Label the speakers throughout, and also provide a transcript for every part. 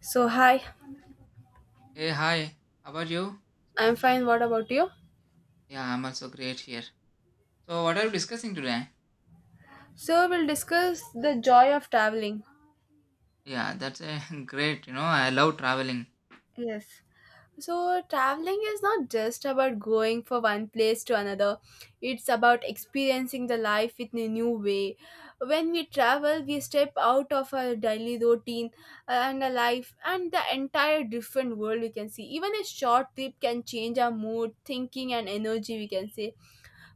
Speaker 1: So, hi,
Speaker 2: Hey, hi. How are you?
Speaker 1: I'm fine. What about you?
Speaker 2: Yeah, I'm also great here. So, what are you discussing today?
Speaker 1: So, we'll discuss the joy of traveling.
Speaker 2: Yeah, that's a great. I love traveling.
Speaker 1: Yes. So, traveling is not just about going from one place to another, it's about experiencing the life in a new way. When we travel, we step out of our daily routine and a life and the entire different world we can see. Even a short trip can change our mood, thinking, and energy, we can say.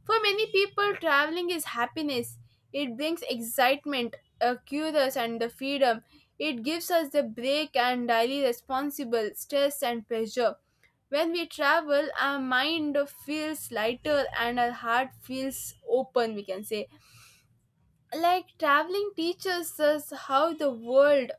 Speaker 1: For many people, traveling is happiness. It brings excitement, a curious, and the freedom. It gives us the break and daily responsible stress and pressure. When we travel, our mind feels lighter and our heart feels open, we can say like traveling teaches us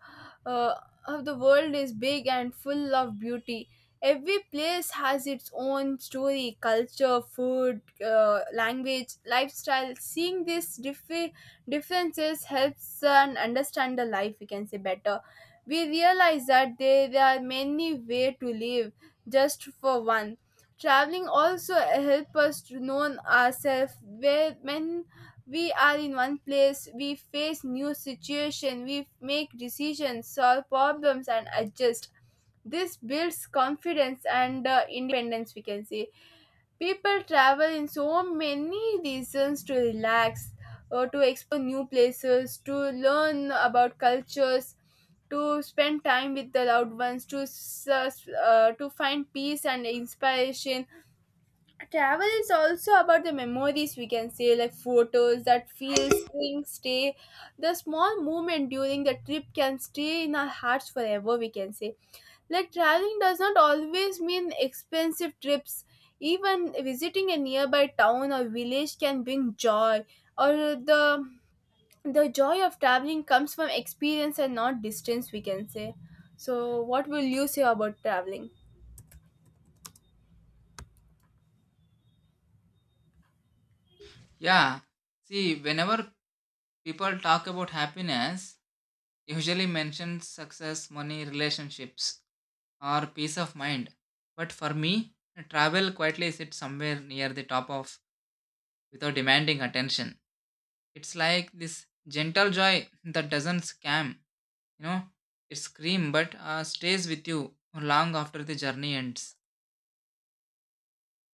Speaker 1: uh, how the world is big and full of beauty. Every place has its own story, culture, food, language, lifestyle. Seeing these differences helps and understand the life, we can say, better. We realize that there are many ways to live, just for one. Traveling also help us to know ourselves. Where when we are in one place, we face new situation, we make decisions, solve problems, and adjust. This builds confidence and independence, we can say. People travel in so many reasons: to relax or to explore new places, to learn about cultures, to spend time with the loved ones, to to find peace and inspiration. Travel is also about the memories, we can say, like photos that feel spring stay. The small moment during the trip can stay in our hearts forever, we can say. Like traveling does not always mean expensive trips. Even visiting a nearby town or village can bring joy. Or the the joy of traveling comes from experience and not distance, we can say. So what will you say about traveling?
Speaker 2: Yeah. See, whenever people talk about happiness, usually mention success, money, relationships, or peace of mind. But for me, travel quietly sits somewhere near the top of without demanding attention. It's like this gentle joy that doesn't scam You know, it scream but stays with you long after the journey ends.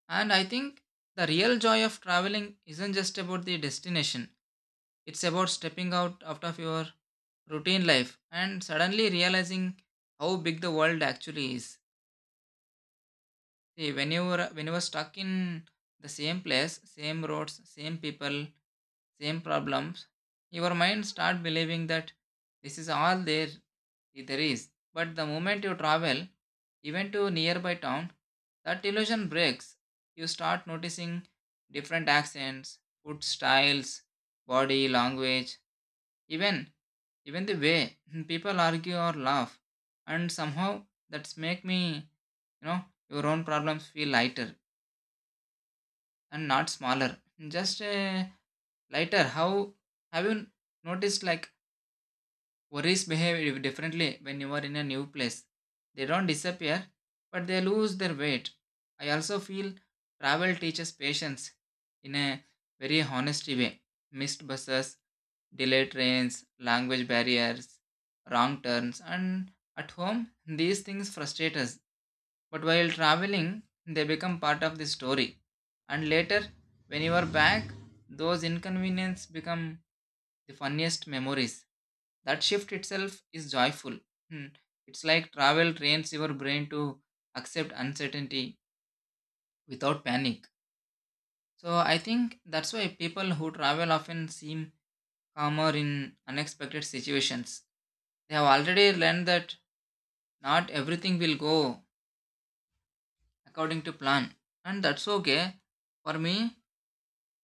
Speaker 2: And I think the real joy of traveling isn't just about the destination. It's about stepping out of your routine life and suddenly realizing how big the world actually is. See, when you were stuck in the same place, same roads, same people, same problems, your mind start believing that this is all there is. But the moment you travel, even to nearby town, that illusion breaks. You start noticing different accents, food styles, body language, even even the way people argue or laugh and somehow that's make me you know your own problems feel lighter and not smaller, just lighter. How have you noticed, like, worries behave differently when you are in a new place. They don't disappear, but they lose their weight. I also feel travel teaches patience in a very honest way. Missed buses, delayed trains, language barriers, wrong turns, and at home, these things frustrate us. But while traveling, they become part of the story. And later, when you are back, those inconveniences become the funniest memories. That shift itself is joyful. Hmm. It's like travel trains your brain to accept uncertainty without panic. So I think that's why people who travel often seem calmer in unexpected situations. They have already learned that not everything will go according to plan. And that's okay. For me,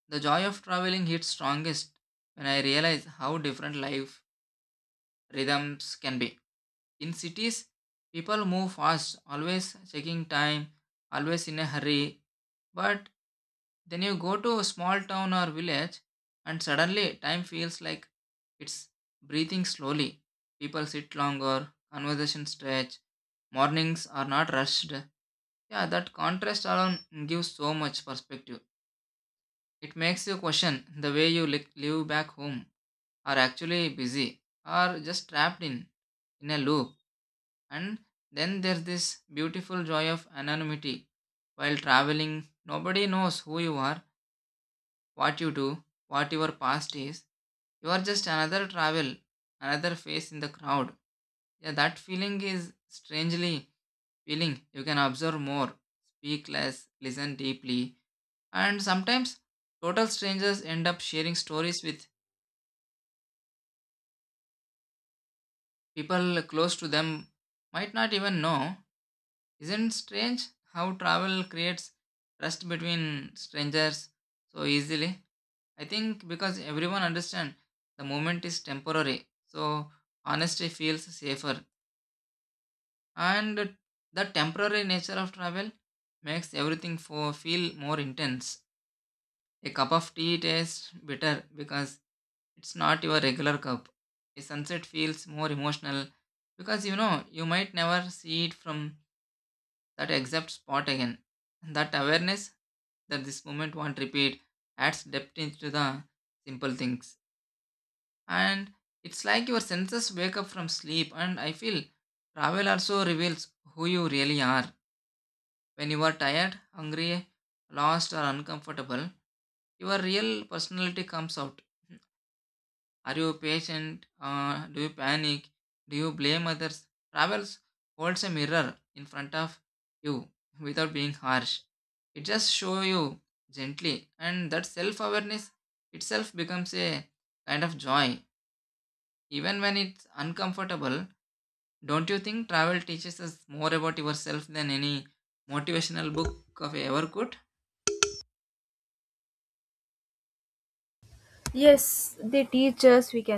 Speaker 2: the joy of traveling hits strongest when I realize how different life rhythms can be. In cities, people move fast, always checking time, always in a hurry. But then you go to a small town or village, and suddenly time feels like it's breathing slowly. People sit longer, conversations stretch, mornings are not rushed. Yeah, that contrast alone gives so much perspective. It makes you question the way live back home, are actually busy or just trapped in a loop. And then there's this beautiful joy of anonymity while traveling. Nobody knows who you are, what you do, what your past is. You are just another travel, another face in the crowd. Yeah, that feeling is strangely feeling. You can observe more, speak less, listen deeply, and sometimes total strangers end up sharing stories with people close to them might not even know. Isn't strange how travel creates trust between strangers so easily? I think because everyone understands the moment is temporary, so honesty feels safer. And the temporary nature of travel makes everything for feel more intense. A cup of tea tastes bitter because it's not your regular cup. A sunset feels more emotional because you know you might never see it from that exact spot again. That awareness that this moment won't repeat adds depth into the simple things. And it's like your senses wake up from sleep, and I feel travel also reveals who you really are. When you are tired, hungry, lost, or uncomfortable, your real personality comes out. Are you patient? Do you panic? Do you blame others? Travels holds a mirror in front of you without being harsh. It just shows you gently, and that self awareness itself becomes a kind of joy. Even when it's uncomfortable, don't you think travel teaches us more about yourself than any motivational book of ever could?
Speaker 1: Yes, they teach us, we can